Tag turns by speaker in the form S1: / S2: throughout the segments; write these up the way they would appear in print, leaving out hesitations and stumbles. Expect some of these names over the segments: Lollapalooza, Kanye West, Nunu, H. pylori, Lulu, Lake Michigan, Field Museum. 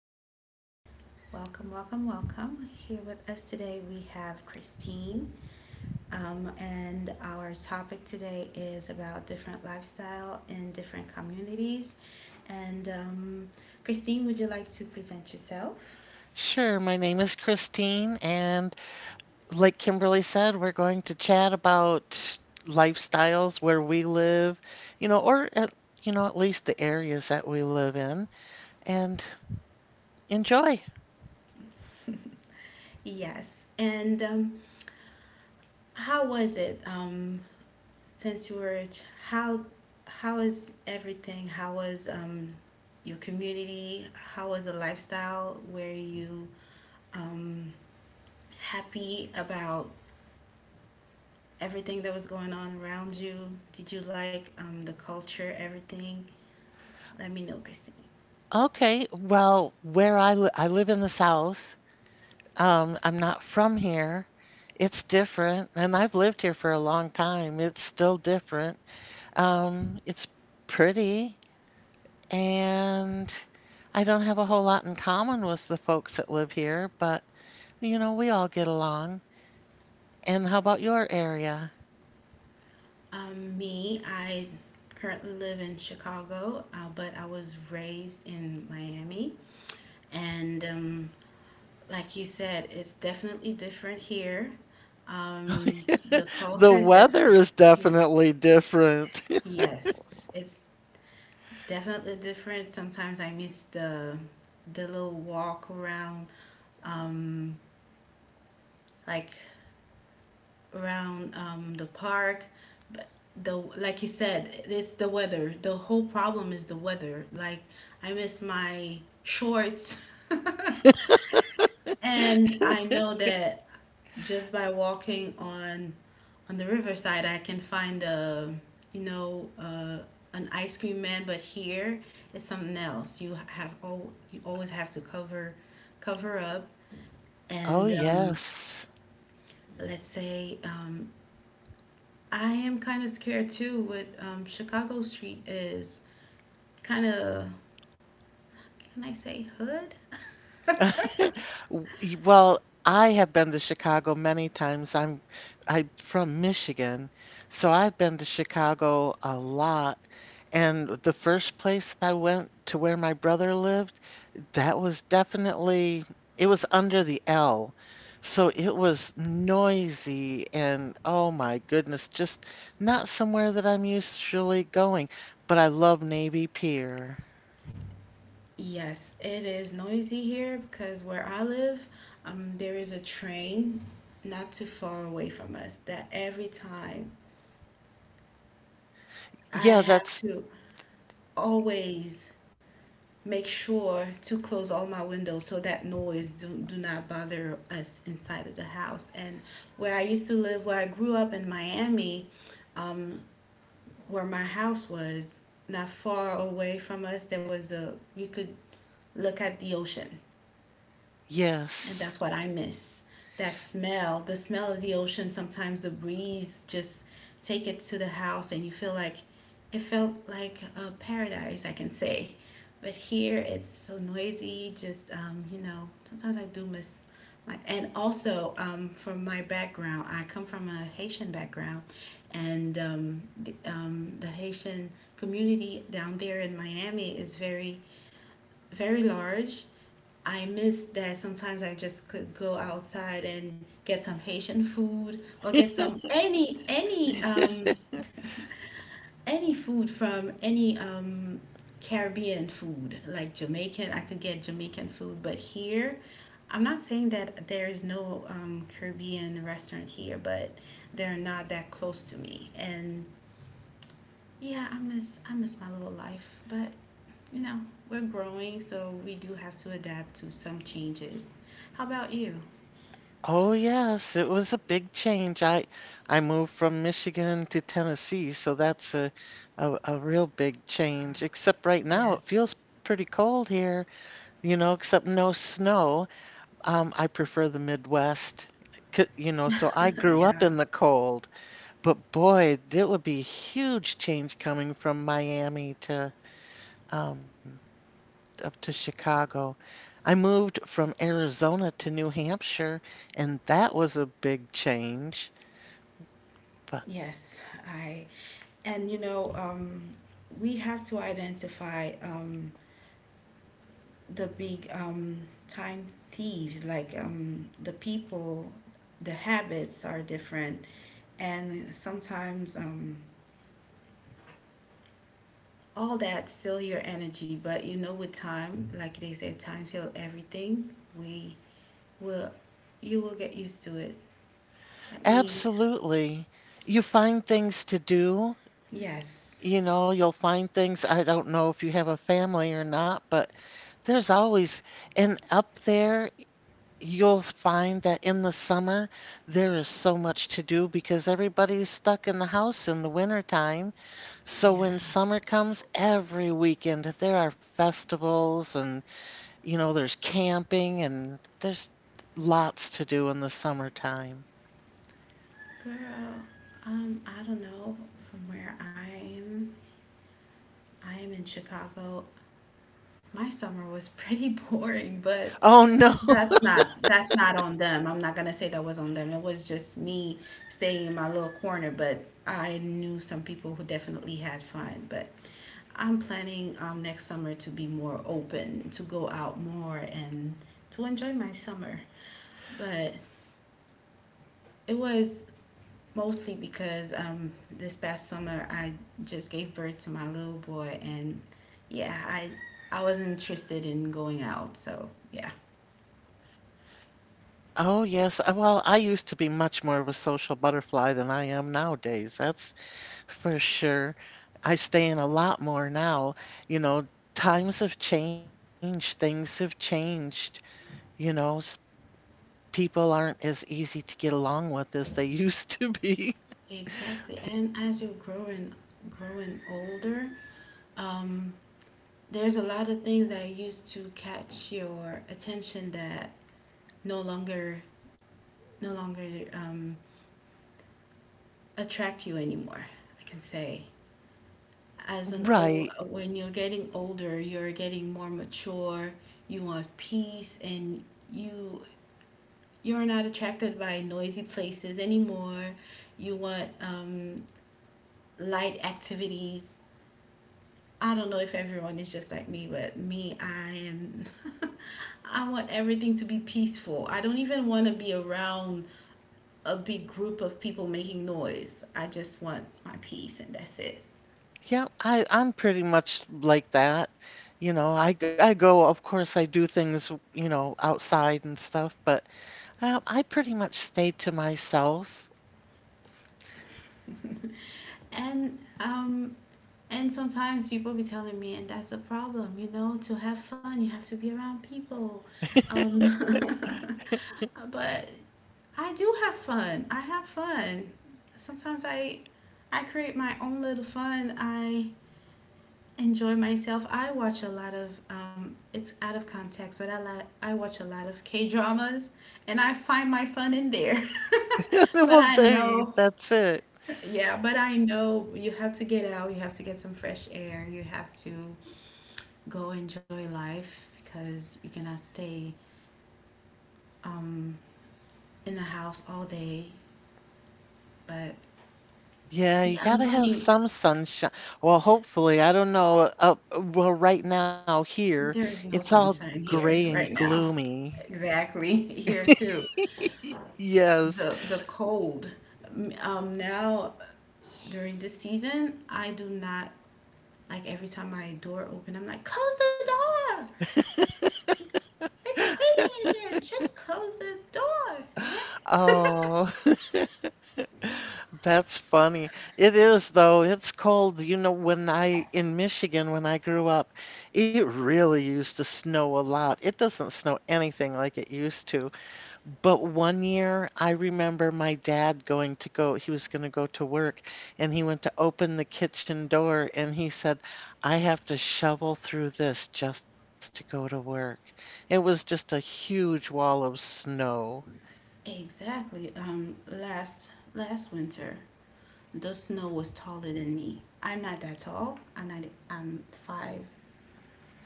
S1: morning. Welcome, welcome, welcome. Here with us today we have Christine, and our topic today is about different lifestyle in different communities. And Christine, would you like to present yourself?
S2: Sure. My name is Christine, and like Kimberly said, we're going to chat about lifestyles where we live, or at, at least the areas that we live in, and enjoy.
S1: Yes. And how was it, since you were how how is everything? How was your community? How was the lifestyle where you um, happy about everything that was going on around you? Did you like the culture, everything? Let me know, Christy.
S2: Okay. Well, I live in the South. I'm not from here. It's different, and I've lived here for a long time. It's still different. It's pretty. And I don't have a whole lot in common with the folks that live here, but we all get along. And how about your area?
S1: Me, I currently live in Chicago, but I was raised in Miami. And like you said, it's definitely different here. Um, the
S2: The
S1: culture is
S2: weather is
S1: definitely,
S2: definitely different.
S1: yes, it's definitely different. Sometimes I miss the little walk around, um, like around the park. The like you said, it's the weather. The whole problem is the weather. Like I miss my shorts. And I know that just by walking on the riverside, I can find a you know uh, an ice cream man, but here it's something else. You have oh you always have to cover up.
S2: Oh,
S1: And
S2: yes.
S1: let's say I am kind of scared too. What Chicago Street is kind of can I say hood?
S2: Well, I have been to Chicago many times. I'm from Michigan, so I've been to Chicago a lot. And the first place I went to where my brother lived, that was definitely it was under the L. So it was noisy and oh my goodness, just not somewhere that I'm usually going, but I love Navy Pier.
S1: Yes, it is noisy here because where I live, there is a train not too far away from us that every time I
S2: Yeah,
S1: have
S2: that's
S1: to always make sure to close all my windows so that noise do not bother us inside of the house. And where I used to live, where I grew up in Miami, um, where my house was, not far away from us, there was the, you could look at the ocean. And
S2: yes.
S1: that's what I miss. That smell, the smell of the ocean, sometimes the breeze just take it to the house and you feel like it felt like a paradise, I can say. But here it's so noisy, just you know, sometimes I do miss my and also from my background, I come from a Haitian background and the Haitian community down there in Miami is very very large. I miss that sometimes I just could go outside and get some Haitian food or get some any any food from any Caribbean food like Jamaican. I could get Jamaican food, but here I'm not saying that there is no Caribbean restaurant here, but they're not that close to me. And yeah, I miss my little life, but you know, we're growing, so we do have to adapt to some changes. How about you?
S2: Oh yes, it was a big change. I moved from Michigan to Tennessee, so that's a real big change. Except right now
S1: Yes.
S2: it feels pretty cold here, you know, except no snow. I prefer the Midwest. You know, so I grew up
S1: Yeah.
S2: in the cold, but boy, that would be a huge change coming from Miami to um, up to Chicago. I moved from Arizona to New Hampshire, and that was a big change. But
S1: Yes. I and you know, we have to identify the big time thieves. Like the people, the habits are different, and sometimes all that steal your energy. But you know, with time, like they said, time heals everything. We will you will get used to it. Like me.
S2: absolutely, you find things to do.
S1: Yes.
S2: You know, you'll find things. I don't know if you have a family or not, but there's always, and up there you'll find that in the summer there is so much to do because everybody's stuck in the house in the winter time. So when
S1: Yeah.
S2: summer comes, every weekend there are festivals, and you know there's camping and there's lots to do in the summertime.
S1: Girl, I don't know from where I am. I am in Chicago. My summer was pretty boring, but
S2: Oh no.
S1: that's not on them. I'm not gonna say that was on them. It was just me staying in my little corner, but I knew some people who definitely had fun. But I'm planning next summer to be more open, to go out more and to enjoy my summer. But it was mostly because this past summer I just gave birth to my little boy, and yeah, I wasn't interested in going out. So yeah,
S2: Oh yes. Well, I used to be much more of a social butterfly than I am nowadays. That's for sure. I stay in a lot more now. You know, times have changed, things have changed. You know, people aren't as easy to get along with as they used to be.
S1: exactly. And as you're growing older, um, there's a lot of things that used to catch your attention that no longer no longer attract you anymore. I can say as an old
S2: Right.
S1: when you're getting older you're getting more mature. You want peace and you you're not attracted by noisy places anymore. You want light activities. I don't know if everyone is just like me, but me I am I want everything to be peaceful. I don't even want to be around a big group of people making noise. I just want my peace and that's it.
S2: Yeah, I'm pretty much like that. You know, I go, of course, I do things, you know, outside and stuff, but I pretty much stay to myself.
S1: and um, And sometimes people be telling me, and that's a problem, you know, to have fun, you have to be around people. Um, but I do have fun. I have fun. Sometimes I create my own little fun. I enjoy myself. I watch a lot of it's out of context, but I watch a lot of K dramas, and I find my fun in there. but
S2: Well,
S1: I
S2: there you,
S1: know
S2: that's it.
S1: yeah, but I know you have to get out, you have to get some fresh air, you have to go enjoy life because you cannot stay um, in the house all day. But
S2: Yeah, you
S1: yeah, I'm
S2: gotta have
S1: planning.
S2: some sunshine. Well, hopefully, I don't know. Well, right now here,
S1: There's
S2: it's
S1: no
S2: all
S1: sunshine
S2: gray
S1: here
S2: and
S1: right now.
S2: gloomy.
S1: Exactly, here too.
S2: Yes.
S1: The cold. Now during this season, I do not like every time my door open, I'm like, close the door. It's freezing in here. Just close the door. Dad.
S2: Oh, that's funny. It is though. It's cold. You know, when I in Michigan when I grew up, it really used to snow a lot. It doesn't snow anything like it used to. But one year, I remember my dad going to go, he was going to go to work, and he went to open the kitchen door and he said, I have to shovel through this just to go to work. It was just a huge wall of snow.
S1: exactly. Last winter, the snow was taller than me. I'm not that tall. I'm not. I'm five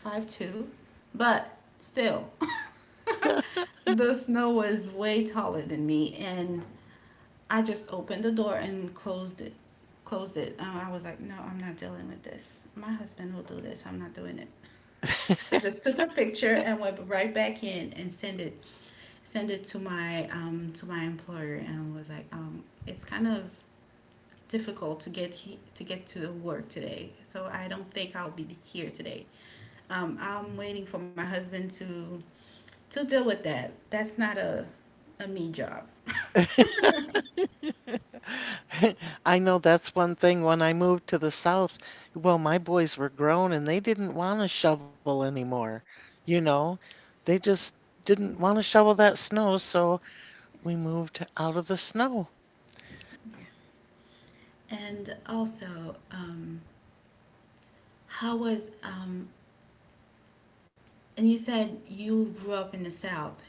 S1: five two, but still, the snow was way taller than me, and I just opened the door and closed it. Closed it. I was like, no, I'm not dealing with this. My husband will do this. I'm not doing it. I just took a picture and went right back in and sent it to my employer and was like, it's kind of difficult to to get to work today, so I don't think I'll be here today. I'm waiting for my husband to deal with that. That's not a a me job.
S2: I know that's one thing when I moved to the South, well, my boys were grown and they didn't want to shovel anymore. You know, they just didn't want to shovel that snow, so we moved out of the snow.
S1: Yeah. And also, how was and you said you grew up in the South,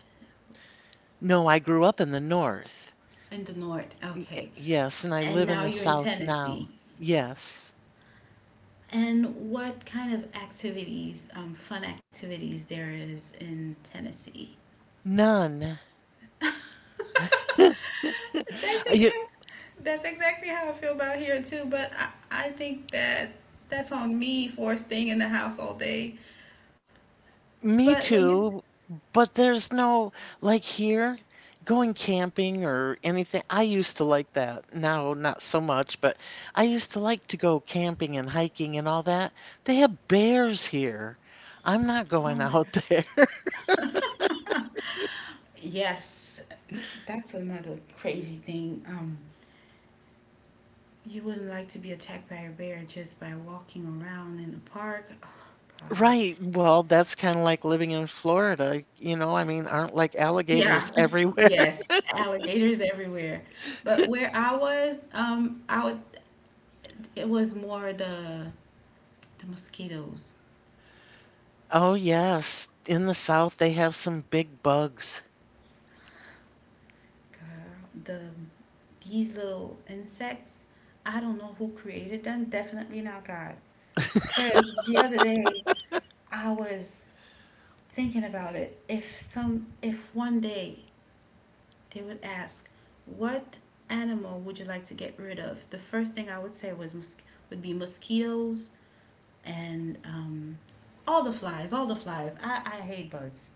S2: No, I grew up in the North.
S1: in the North, okay,
S2: Yes, and I
S1: and
S2: live in
S1: now
S2: the
S1: you're in
S2: South
S1: Tennessee.
S2: now. Yes.
S1: And what kind of activities, fun activities there is in Tennessee?
S2: None.
S1: that's
S2: You,
S1: exact. That's exactly how I feel about here too. But I think that that's on me for staying in the house all day.
S2: me
S1: But when you,
S2: too, but there's no, like here, going camping or anything. I used to like that. Now, not so much, but I used to like to go camping and hiking and all that. They have bears here. I'm not
S1: oh
S2: going
S1: my
S2: out there.
S1: God. yes, that's another crazy thing. You wouldn't like to be attacked by a bear just by walking around in the park. Oh, God.
S2: Right. Well, that's kind of like living in Florida. You know, I mean, aren't like
S1: Yeah,
S2: alligators everywhere?
S1: yes, alligators everywhere. But where I was, I would, it was more the mosquitoes,
S2: Oh, yes. In the South, they have some big bugs.
S1: girl, the these little insects. I don't know who created them. Definitely not God. Because the other day I was thinking about it. If some, if one day they would ask, what animal would you like to get rid of? The first thing I would say would be mosquitoes and all the flies, all the flies. I hate bugs.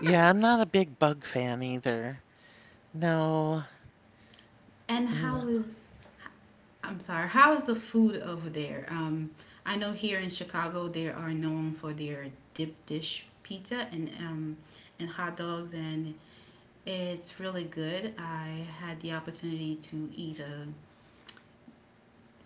S2: Yeah, I'm not a big bug fan either. No,
S1: And how
S2: no.
S1: is I'm sorry, how is the food over there? I know here in Chicago they are known for their dip dish pizza and hot dogs, and it's really good. I had the opportunity to eat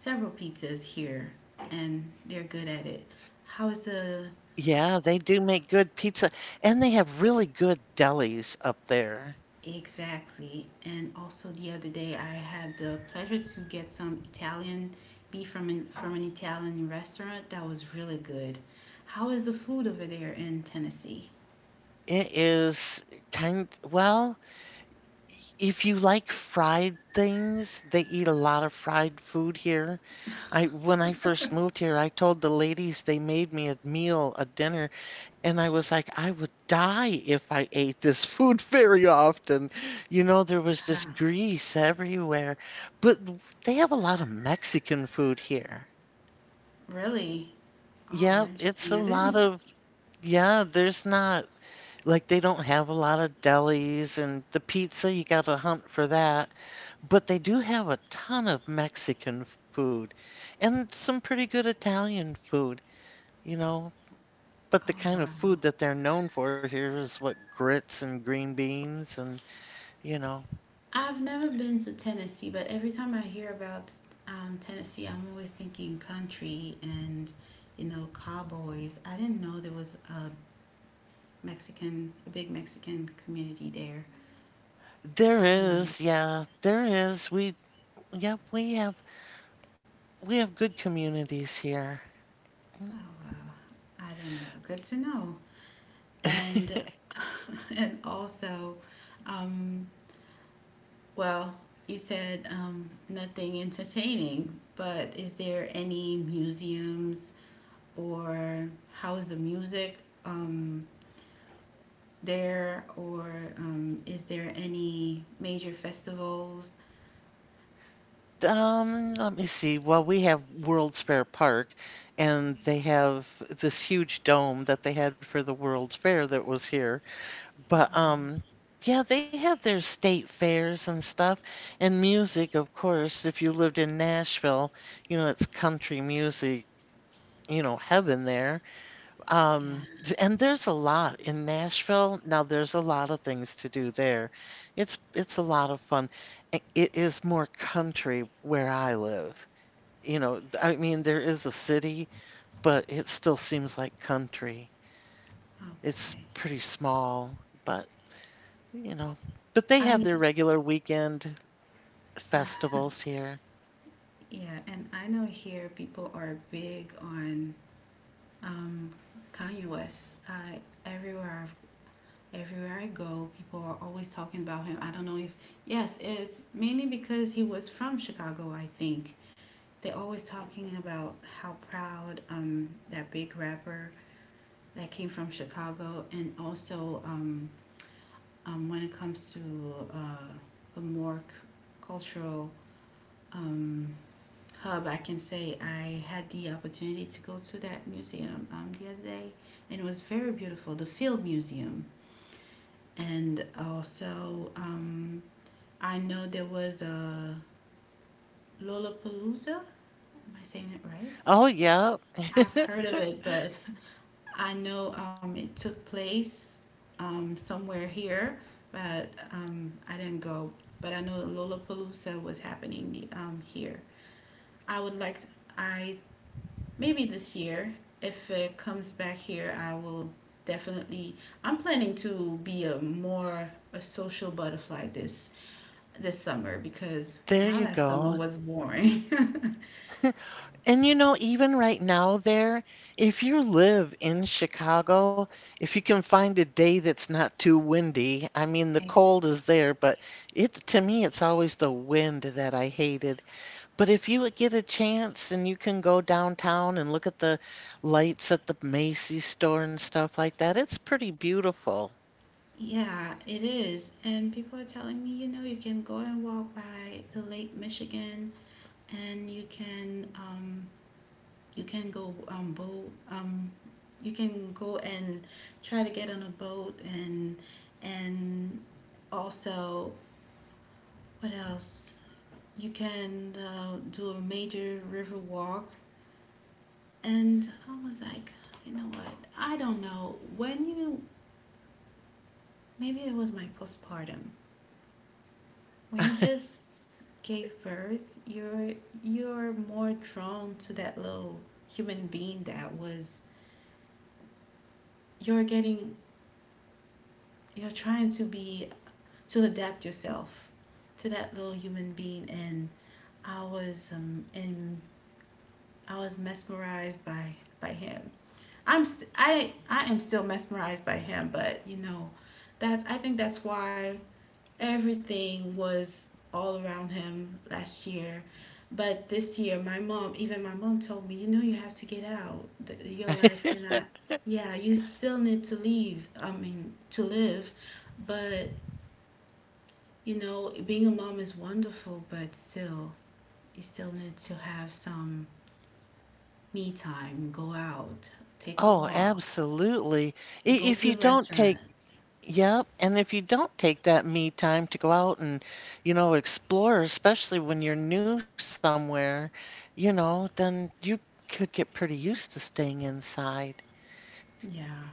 S1: several pizzas here, and they're good at it. How is the
S2: Yeah, they do make good pizza, and they have really good delis up there.
S1: exactly. And also the other day I had the pleasure to get some Italian beef from from an Italian restaurant that was really good. How is the food over there in Tennessee?
S2: It is kind, well, if you like fried things, they eat a lot of fried food here. I when I first moved here, I told the ladies they made me a meal, a dinner, and I was like, I would die if I ate this food very often. You know, there was just
S1: Ah,
S2: grease everywhere. But they have a lot of Mexican food here.
S1: really? Oh,
S2: Yeah, it's
S1: interesting.
S2: a
S1: I
S2: lot
S1: didn't.
S2: of yeah, there's not like, they don't have a lot of delis, and the pizza, you gotta hunt for that. But they do have a ton of Mexican food and some pretty good Italian food, you know. But the
S1: Oh,
S2: kind of
S1: wow.
S2: food that they're known for here is what grits and green beans and, you know,
S1: I've never been to Tennessee, but every time I hear about Tennessee, I'm always thinking country and, you know, cowboys. I didn't know there was a a big Mexican community there.
S2: there
S1: I didn't know.
S2: is, yeah, there is. We, yep, we have good communities here.
S1: Oh wow, I didn't know. Good to know. And and also, um, well, you said nothing entertaining, but is there any museums or how is the music um, there, or is there any major festivals?
S2: Let me see. Well, we have World's Fair Park, and they have this huge dome that they had for the World's Fair that was here. But
S1: Wow.
S2: yeah, they have their state fairs and stuff, and music, of course. If you lived in Nashville, you know, it's country music, you know, heaven there.
S1: Yeah.
S2: Um, and there's a lot in Nashville. Now, there's a lot of things to do there. It's a lot of fun. It is more country where I live. You know, I mean, there is a city, but it still seems like country. It's pretty
S1: Okay.
S2: small, but you know, but they have
S1: I
S2: their
S1: know,
S2: regular weekend festivals here.
S1: yeah, and I know here people are big on um, Kanye West. I everywhere everywhere I go, people are always talking about him. I don't know if yes, it's mainly because he was from Chicago. I think they're always talking about how proud that big rapper that came from Chicago, and also when it comes to uh, the more cultural um, hub, I can say I had the opportunity to go to that museum the other day, and it was very beautiful, the Field Museum. And also, I know there was a Lollapalooza. Am I saying it
S2: Oh,
S1: right?
S2: yeah.
S1: I've heard of it, but I know it took place somewhere here, but I didn't go. But I know Lollapalooza was happening here. I would like I maybe this year, if it comes back here, I will definitely. I'm planning to be a more a social butterfly this summer because
S2: There
S1: my
S2: you
S1: last summer
S2: go.
S1: was boring.
S2: And you know, even right now, there, if you live in Chicago, if you can find a day that's not too windy, I mean, the
S1: Ex-
S2: cold is there, but it, to me, it's always the wind that I hated. But if you get a chance and you can go downtown and look at the lights at the Macy's store and stuff like that, it's pretty beautiful.
S1: Yeah, it is. And people are telling me, you know, you can go and walk by the Lake Michigan and you can go boat you can go and try to get on a boat and also what else? You can do a major river walk. And I was like, you know what? I don't know. When you, maybe it was my postpartum. When you just gave birth, you're you're more drawn to that little human being that was. You're getting, you're trying to be, to adapt yourself to that little human being, and I was in I was mesmerized by him. I'm st- I am still mesmerized by him, but you know, that's I think that's why everything was all around him last year. But this year, my mom, even my mom told me, you know, you have to get out. Your life cannot. Yeah, you still need to leave. I mean, to live, but you know, being a mom is wonderful, but still, you still need to have some me time, go out, take a
S2: Oh,
S1: walk,
S2: absolutely.
S1: go
S2: If
S1: to
S2: you
S1: the
S2: don't
S1: restaurant.
S2: take, yep, and if you don't take that me time to go out and, you know, explore, especially when you're new somewhere, you know, then you could get pretty used to staying inside.
S1: Yeah,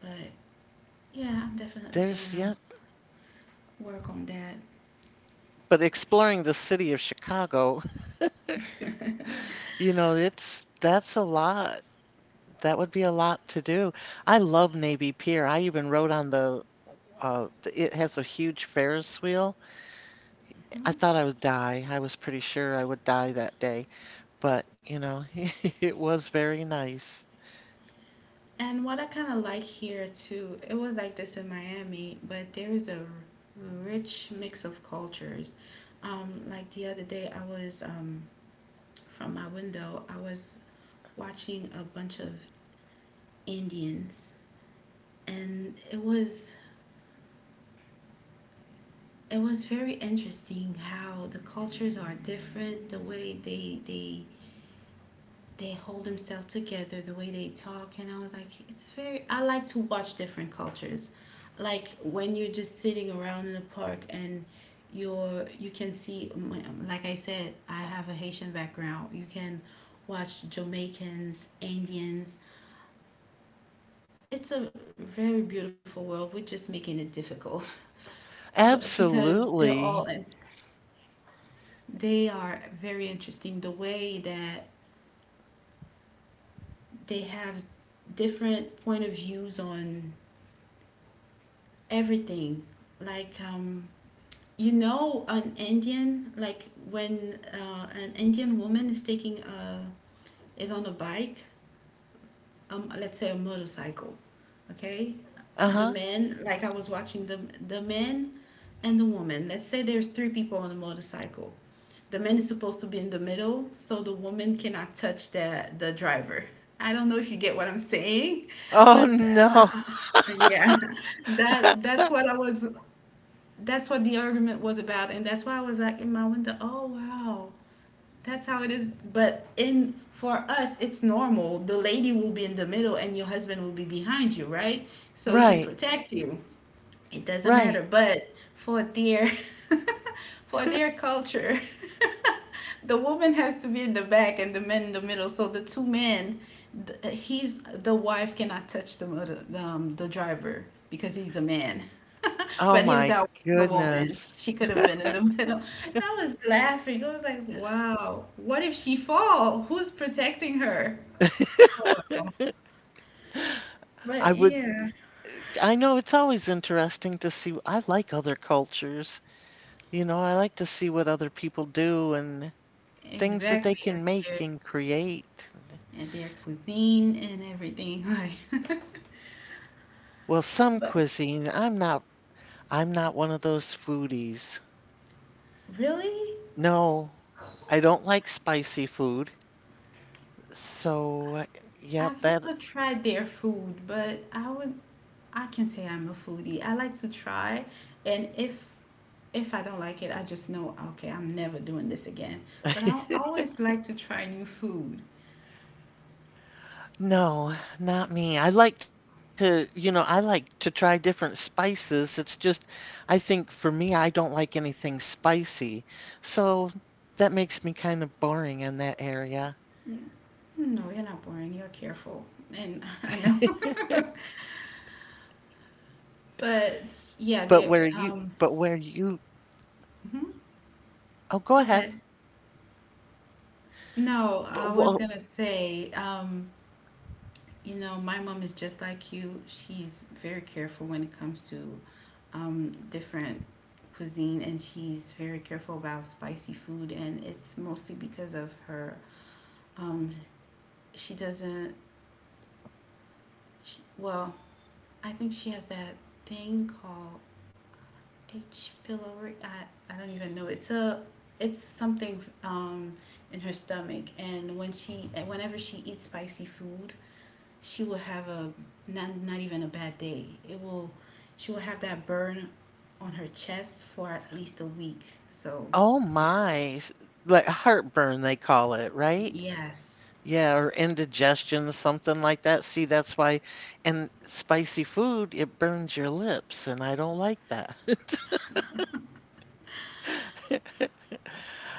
S1: but
S2: yeah,
S1: yeah, I'm definitely gonna work on
S2: but
S1: that.
S2: exploring the city of Chicago, you know, it's that's a lot. That would be a lot to do. I love Navy Pier. I even rode on the it has a huge Ferris wheel. I thought I
S1: Mhm.
S2: would die. I was pretty sure I would die that day. But, you know, it was very nice.
S1: And what I kind of like here too, it was like this in Miami, but there is a rich mix of cultures. Like the other day, I was from my window, I was watching a bunch of Indians, and it was very interesting how the cultures are different, the way they hold themselves together, the way they talk, and I was like, it's very. I like to watch different cultures, like when you're just sitting around in a park and you can see, like I said, I have a Haitian background. You can watch Jamaicans, Indians. It's a very beautiful world. We're just making it difficult, because they're all
S2: Absolutely.
S1: they are very interesting the way that they have different point of views on everything, like you know, an Indian, like when an Indian woman is taking a is on a bike, let's say a motorcycle, okay, the
S2: Uh-huh.
S1: men, like I was watching the men and the woman, let's say there's three people on a motorcycle, the man is supposed to be in the middle, so the woman cannot touch the driver. I don't know if you get what I'm saying,
S2: Oh
S1: but
S2: no.
S1: uh, yeah, that's what I was. That's what the argument was about, and that's why I was like in my window. Oh wow, that's how it is. But in for us, it's normal. The lady will be in the middle, and your husband will be behind you, right? So he can
S2: Right.
S1: protect you. It doesn't
S2: Right.
S1: matter, but for their for their culture, the woman has to be in the back and the men in the middle. So the two men, he's the wife cannot touch the driver because he's a man.
S2: Oh
S1: But if
S2: my
S1: that was a woman,
S2: goodness.
S1: she could have been in the middle. And I was laughing. I was like, wow, what if she fall? Who's protecting her? Oh wow.
S2: I
S1: But
S2: would
S1: yeah,
S2: I know it's always interesting to see I like other cultures. You know, I like to see what other people do and things that they
S1: exactly.
S2: can make and create.
S1: And their cuisine and everything. Like,
S2: Well, some
S1: but
S2: cuisine, I'm not one of those foodies.
S1: really,
S2: No, I don't like spicy food. So,
S1: I've
S2: yep, that
S1: never tried their food, but I would, I can say I'm a foodie. I like to try, and if I don't like it, I just know okay, I'm never doing this again. But I always like to try new food.
S2: no, not me. I like to, you know, I like to try different spices. It's just I think for me I don't like anything spicy. So, that makes me kind of boring in that
S1: Mm,
S2: area.
S1: no, you're not boring. You're careful, and I know. But yeah,
S2: But where
S1: they
S2: you,
S1: um.
S2: but where you,
S1: Mhm. Go
S2: oh, go
S1: ahead.
S2: ahead.
S1: No, I was
S2: But
S1: gonna
S2: whoa,
S1: say. You know, my mom is just like you. She's very careful when it comes to different cuisine, and she's very careful about spicy food. And it's mostly because of her. Um, she doesn't. She, well, I think she has that thing called H. pylori. I don't even know. It's a it's something in her stomach, and whenever she eats spicy food, she will have a not even a bad day. It will she will have that burn on her chest for at least a week. So
S2: oh
S1: yeah.
S2: my, like heartburn, they call it, right?
S1: Yes.
S2: Yeah, or indigestion, something like that. See, that's why, and spicy food, it burns your lips, and I don't like that.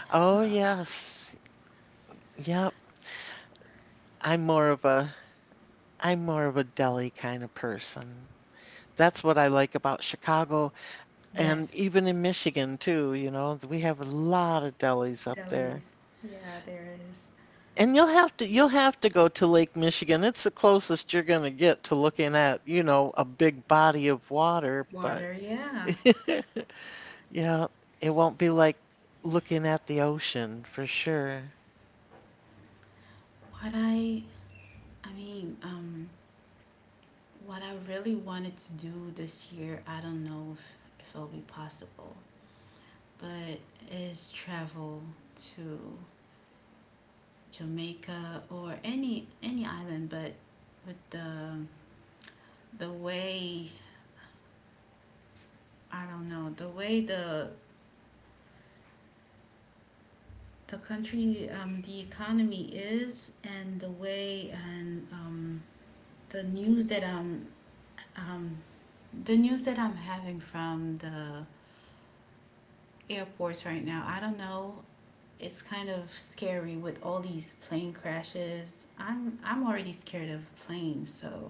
S2: Oh, yes. Yep. I'm more of a, I'm more of a deli kind of person. That's what I like about Chicago and
S1: Yes.
S2: even in Michigan too, you know, we have a lot of delis up
S1: Delis.
S2: there.
S1: Yeah, there is.
S2: And you'll have to go to Lake Michigan. It's the closest you're going to get to looking at, you know, a big body of water, but
S1: Water, yeah.
S2: yeah, it won't be like looking at the ocean for sure.
S1: What I mean, what I really wanted to do this year, I don't know if it'll be possible, but is travel to Jamaica or any island, but with the way I don't know the way the country, the economy is, and the way and the news that I'm um, the news that I'm having from the airports right now, I don't know, it's kind of scary with all these plane crashes. I'm already scared of planes, so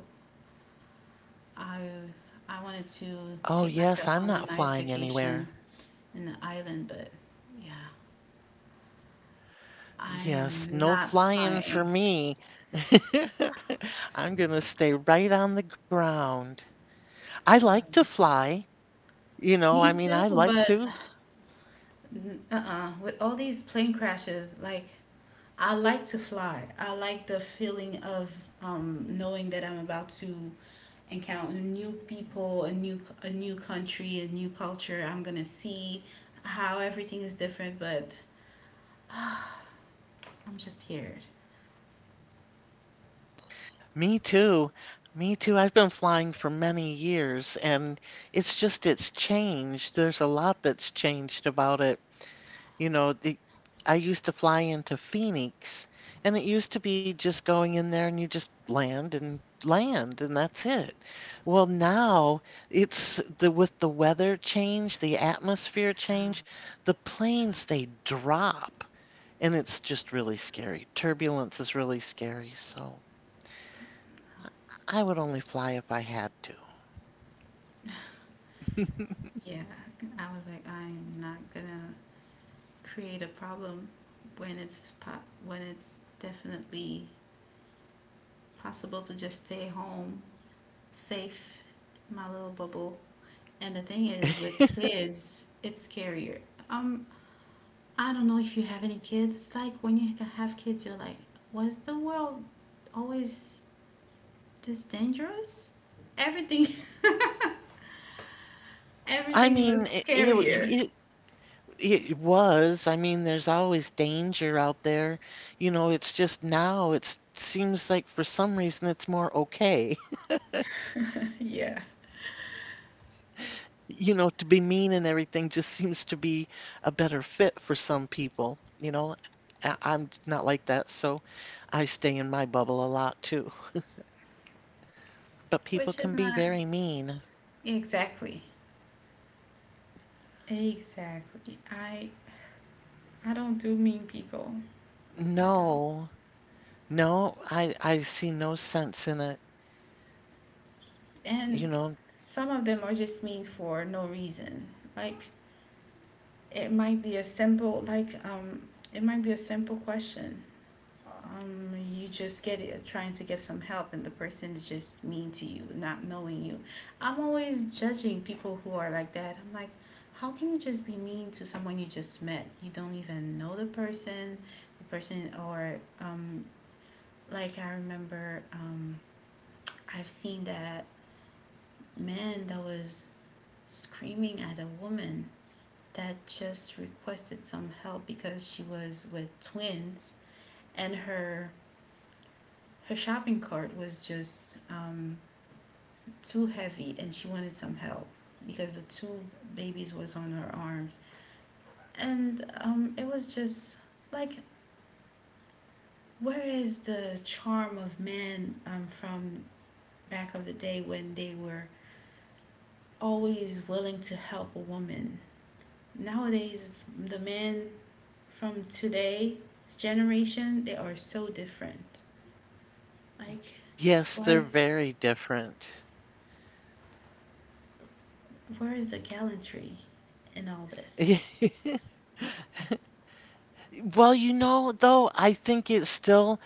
S1: I
S2: Oh, yes, I'm
S1: I
S2: not
S1: wanted
S2: flying
S1: to take
S2: anywhere.
S1: myself on a nice vacation in the island, but yeah,
S2: Yes,
S1: I
S2: no
S1: am
S2: flying
S1: not
S2: for me.
S1: flying.
S2: I'm going to stay right on the ground. I like to fly. You know, I mean,
S1: Me
S2: I
S1: too,
S2: like to.
S1: but uh-uh. With all these plane crashes, like I like to fly. I like the feeling of knowing that I'm about to encounter new people, a new country, a new culture. I'm gonna see how everything is different, but I'm just scared.
S2: Me too. Me too. I've been flying for many years and it's just it's changed. There's a lot that's changed about it. You know, the, I used to fly into Phoenix and it used to be just going in there and you just land and land and that's it. Well, now it's the with the weather change, the atmosphere
S1: I don't-
S2: change, the
S1: Yeah,
S2: planes they drop and it's just really scary. Turbulence is really scary, so
S1: so,
S2: I would only fly if I had to.
S1: yeah. I was like, I am not gonna create a problem when it's definitely possible to just stay home, safe, my little bubble. And the thing is, with kids, it's scarier. Um, I don't know if you have any kids. It's like when you have kids, you're like, was the world always this dangerous? Everything,
S2: I
S1: everything
S2: mean,
S1: looks scarier.
S2: it was. I mean, there's always danger out there. You know, it's just now it seems like for some reason it's more okay.
S1: Yeah,
S2: You know, to be mean and everything just seems to be a better fit for some people. You know, I'm not like that, so I stay in my bubble a lot too. But people can be very
S1: which is
S2: mean.
S1: not exactly, exactly. I don't do mean people. I don't.
S2: No, no, I see no sense in it. You
S1: And
S2: know,
S1: some of them are just mean for no reason. Like it might be a simple like it might be a simple question. You just get it trying to get some help and the person is just mean to you, not knowing you. I'm always judging people who are like that. I'm like, how can you just be mean to someone you just met? You don't even know the person or like I remember I've seen that man that was screaming at a woman that just requested some help because she was with twins, and her shopping cart was just too heavy, and she wanted some help because the two babies was on her arms, and it was just like where is the charm of men, from back of the day when they were always willing to help a woman. Nowadays it's the men from today's generation, they are so different, like
S2: yes, they're
S1: where
S2: very different.
S1: where is the gallantry in all this.
S2: Well, you know, though, I think it still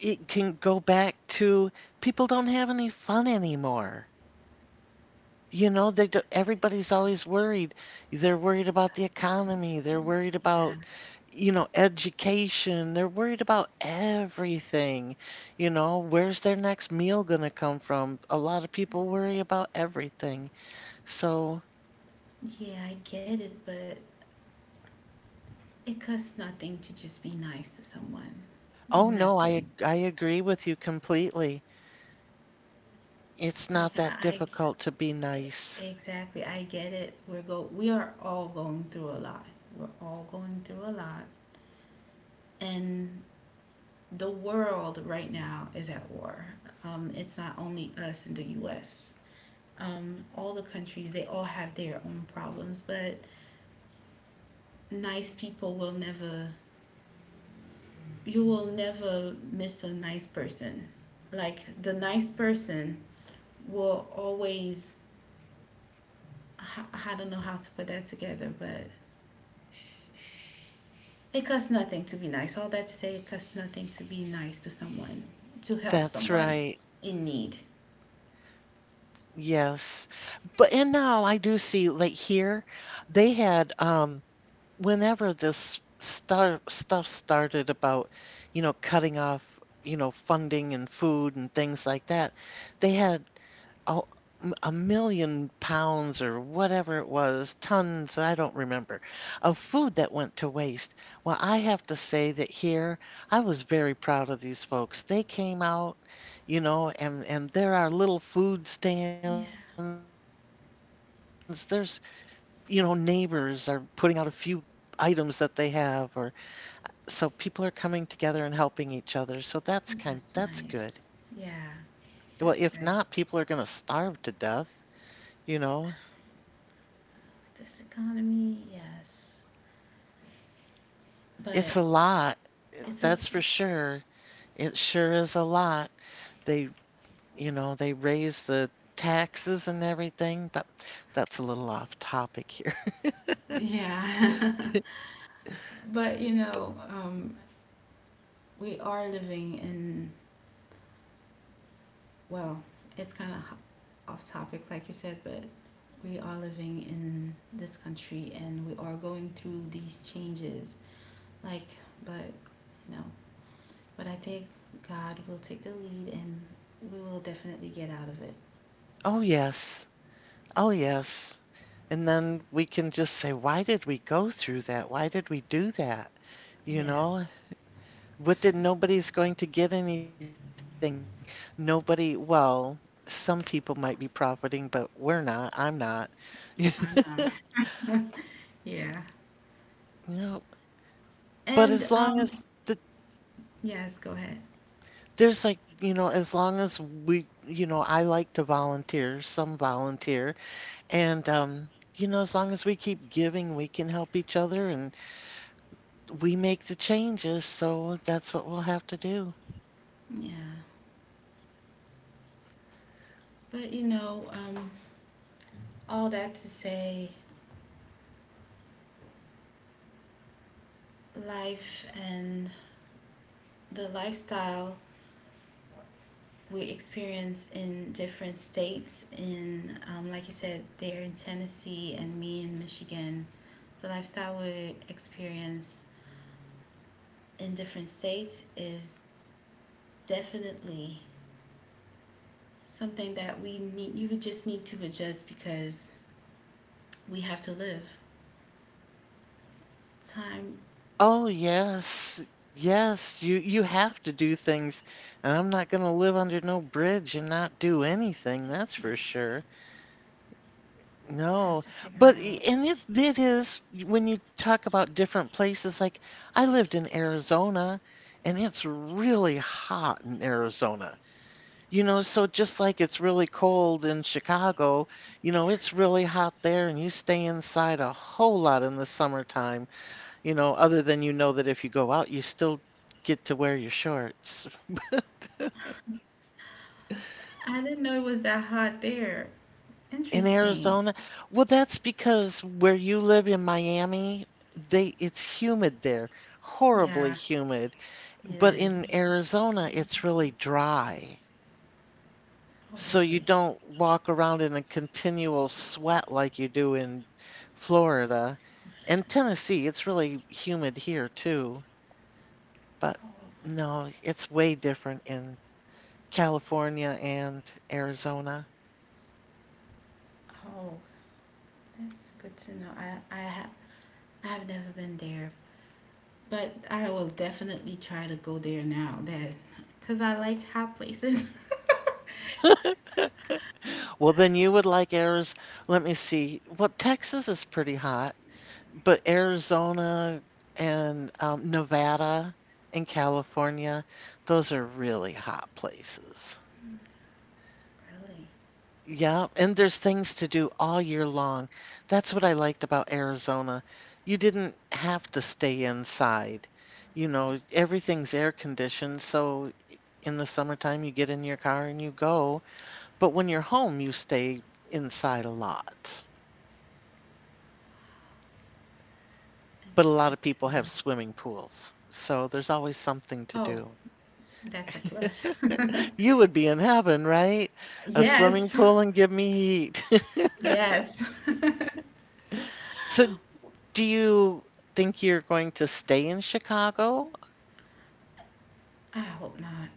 S2: it can go back to people don't have any fun anymore. You know, they do, everybody's always worried. They're worried about the economy, they're worried
S1: yeah
S2: about, you know, education, they're worried about everything. You know, where's their next meal gonna come from? A lot of people worry about everything. So,
S1: yeah, I get it, but it costs nothing to just be nice to someone,
S2: oh no, I
S1: nothing,
S2: ag- I agree with you completely. It's
S1: like
S2: not that difficult to be nice.
S1: exactly, I get it, we are all going through a lot, we're all going through a lot, and the world right now is at war. It's not only us in the US. All the countries, they all have their own problems, but nice people will never, you will never miss a nice person. Like the nice person will always, I- I don't know how to put that together, but it costs nothing to be nice. All that to say, it costs nothing to be nice to someone, to help
S2: That's
S1: someone
S2: right.
S1: in need.
S2: Yes. But and now I do see like here they had whenever this star stuff started about, you know, cutting off, you know, funding and food and things like that, they had a, 1 million pounds or whatever it was, tons, I don't remember, of food that went to waste. Well, I have to say that here I was very proud of these folks. They came out, you know, and there are little food stands.
S1: Yeah,
S2: There's, you know, neighbors are putting out a few items that they have or so people are coming together and helping each other. So that's good.
S1: that's nice.
S2: Well,
S1: Yeah.
S2: if not, people are
S1: That's
S2: going to
S1: good.
S2: starve to death, you know.
S1: With this economy, yes.
S2: It's a
S1: But
S2: lot.
S1: it's
S2: That's
S1: a
S2: for sure. It sure is a lot. They, you know, they raise the taxes and everything, but that's a little off topic here.
S1: Yeah. But you know, we are living in well, it's kind of off topic, like you said, but we are living in this country and we are going through these changes. Like, but you know, but I think God will take the lead and we will definitely get out of it.
S2: Oh, yes. Oh, yes. And then we can just say, why did we go through that? Why did we do that? You
S1: Yes,
S2: know, what did nobody's going to get anything? Nobody, well, some people might be profiting, but we're not. I'm not. You
S1: I'm not. Yeah.
S2: know, but
S1: And
S2: as long as the
S1: yes, go ahead.
S2: there's like, you know, as long as we, you know, I like to volunteer, some volunteer, and you know, as long as we keep giving, we can help each other and we make the changes, so that's what we'll have to do.
S1: Yeah, but you know, all that to say, life and the lifestyle we experience in different states. In like you said, there in Tennessee and me in Michigan, the lifestyle we experience in different states is definitely something that we need. You just need to adjust because we have to live. Time,
S2: Oh, yes. Yes, you have to do things, and I'm not going to live under no bridge and not do anything, that's
S1: you
S2: for sure. No,
S1: have to
S2: but
S1: figure out.
S2: and it is when you talk about different places, like I lived in Arizona and it's really hot in Arizona. You know, so just like it's really cold in Chicago, you know, it's really hot there and you stay inside a whole lot in the summertime, you know, other than you know that if you go out, you still get to wear your shorts.
S1: I didn't know it was that hot there.
S2: In
S1: Interesting.
S2: Arizona? Well, that's because where you live in Miami, they it's humid there, horribly
S1: Yeah.
S2: humid. But in
S1: Yes.
S2: Arizona, it's really dry.
S1: Oh,
S2: So you
S1: really?
S2: don't walk around in a continual sweat like you do in Florida. And Tennessee, it's really humid here too. But
S1: Oh,
S2: no, it's way different in California and Arizona.
S1: oh, that's good to know. I have never been there, but I will definitely try to go there now. That, cause I like hot places.
S2: Well, then you would like Arizona. Let me see. Well, Texas is pretty hot, but Arizona and Nevada and California, those are really hot places.
S1: Really,
S2: Yeah, and there's things to do all year long. That's what I liked about Arizona. You didn't have to stay inside. You know, everything's air conditioned, so in the summertime you get in your car and you go, but when you're home you stay inside a lot. But
S1: that's
S2: a lot
S1: good
S2: of people
S1: to
S2: have
S1: know.
S2: swimming pools, so there's always something to
S1: Oh,
S2: do.
S1: that's a plus.
S2: You would be in heaven, right? A swimming
S1: Yes,
S2: pool and give me heat.
S1: yes.
S2: So, do you think you're going to stay in Chicago?
S1: I hope not.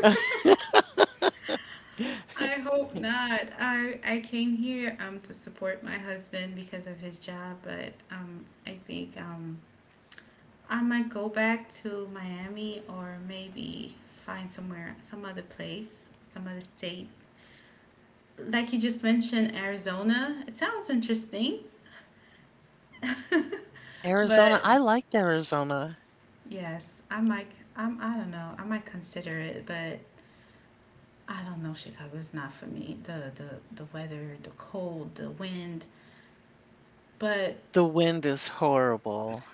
S1: I hope not. I came here to support my husband because of his job, but I think I might go back to Miami or maybe find somewhere, some other place, some other state. Like you just mentioned, Arizona. It sounds interesting,
S2: Oh, yeah, Arizona.
S1: but
S2: I liked Arizona.
S1: yes, I might. I don't know. I might consider it, but I don't know. Chicago's not for me. The weather, the cold, the wind, but
S2: The wind is horrible.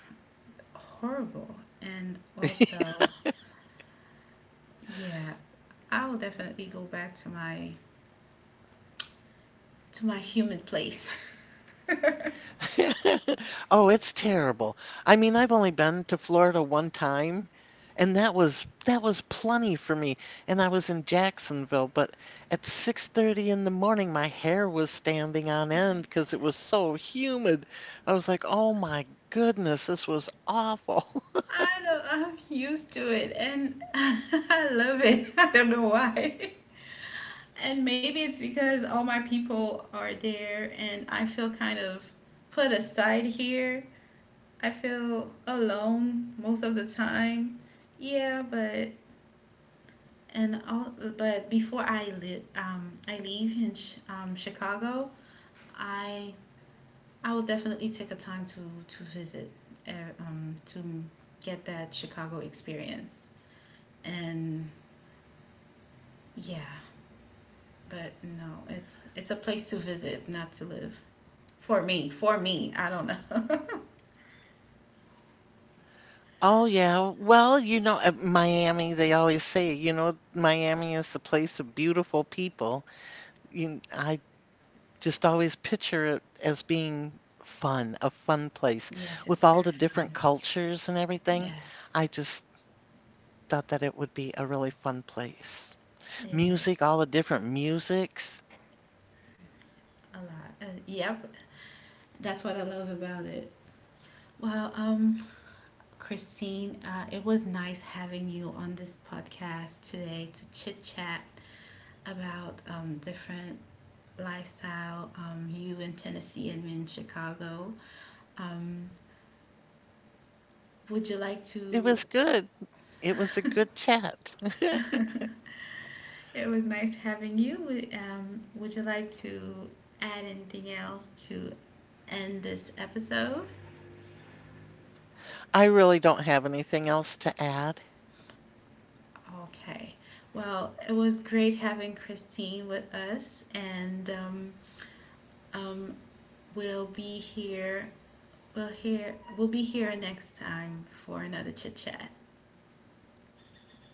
S1: horrible. And also, yeah, I will definitely go back to my humid place.
S2: Oh, it's terrible. I mean, I've only been to Florida one time, and that was plenty for me. And I was in Jacksonville, but at 6:30 in the morning my hair was standing on end because it was so humid. I was like, "Oh my goodness, this was awful."
S1: I don't I'm used to it and I love it. I don't know why. And maybe it's because all my people are there and I feel kind of put aside here. I feel alone most of the time. Yeah, but and all but I leave in Chicago, I I will definitely take a time to visit uh, to get that Chicago experience and yeah, but no, it's a place to visit, not to live. For me, I don't know.
S2: Oh yeah. Well, you know, at Miami, they always say, you know, Miami is the place of beautiful people. You, I just always picture it as being fun, a fun place
S1: Yes,
S2: with
S1: it's
S2: all
S1: very
S2: the
S1: fun.
S2: different cultures and everything.
S1: Yes,
S2: I just thought that it would be a really fun place.
S1: it
S2: Music,
S1: is
S2: all the different musics.
S1: a lot. Yep, that's what I love about it. Well, Christine, it was nice having you on this podcast today to chit chat about different lifestyle. You in Tennessee and me in Chicago. Um, would you like
S2: It
S1: to
S2: was good. It was a good chat.
S1: It was nice having you. Would you like to add anything else to end this episode?
S2: I really don't have anything else to add.
S1: Okay. Well, it was great having Christine with us, and um, we'll be here. We'll be here next time for another chit chat.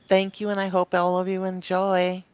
S2: Thank you, and I hope all of you enjoy.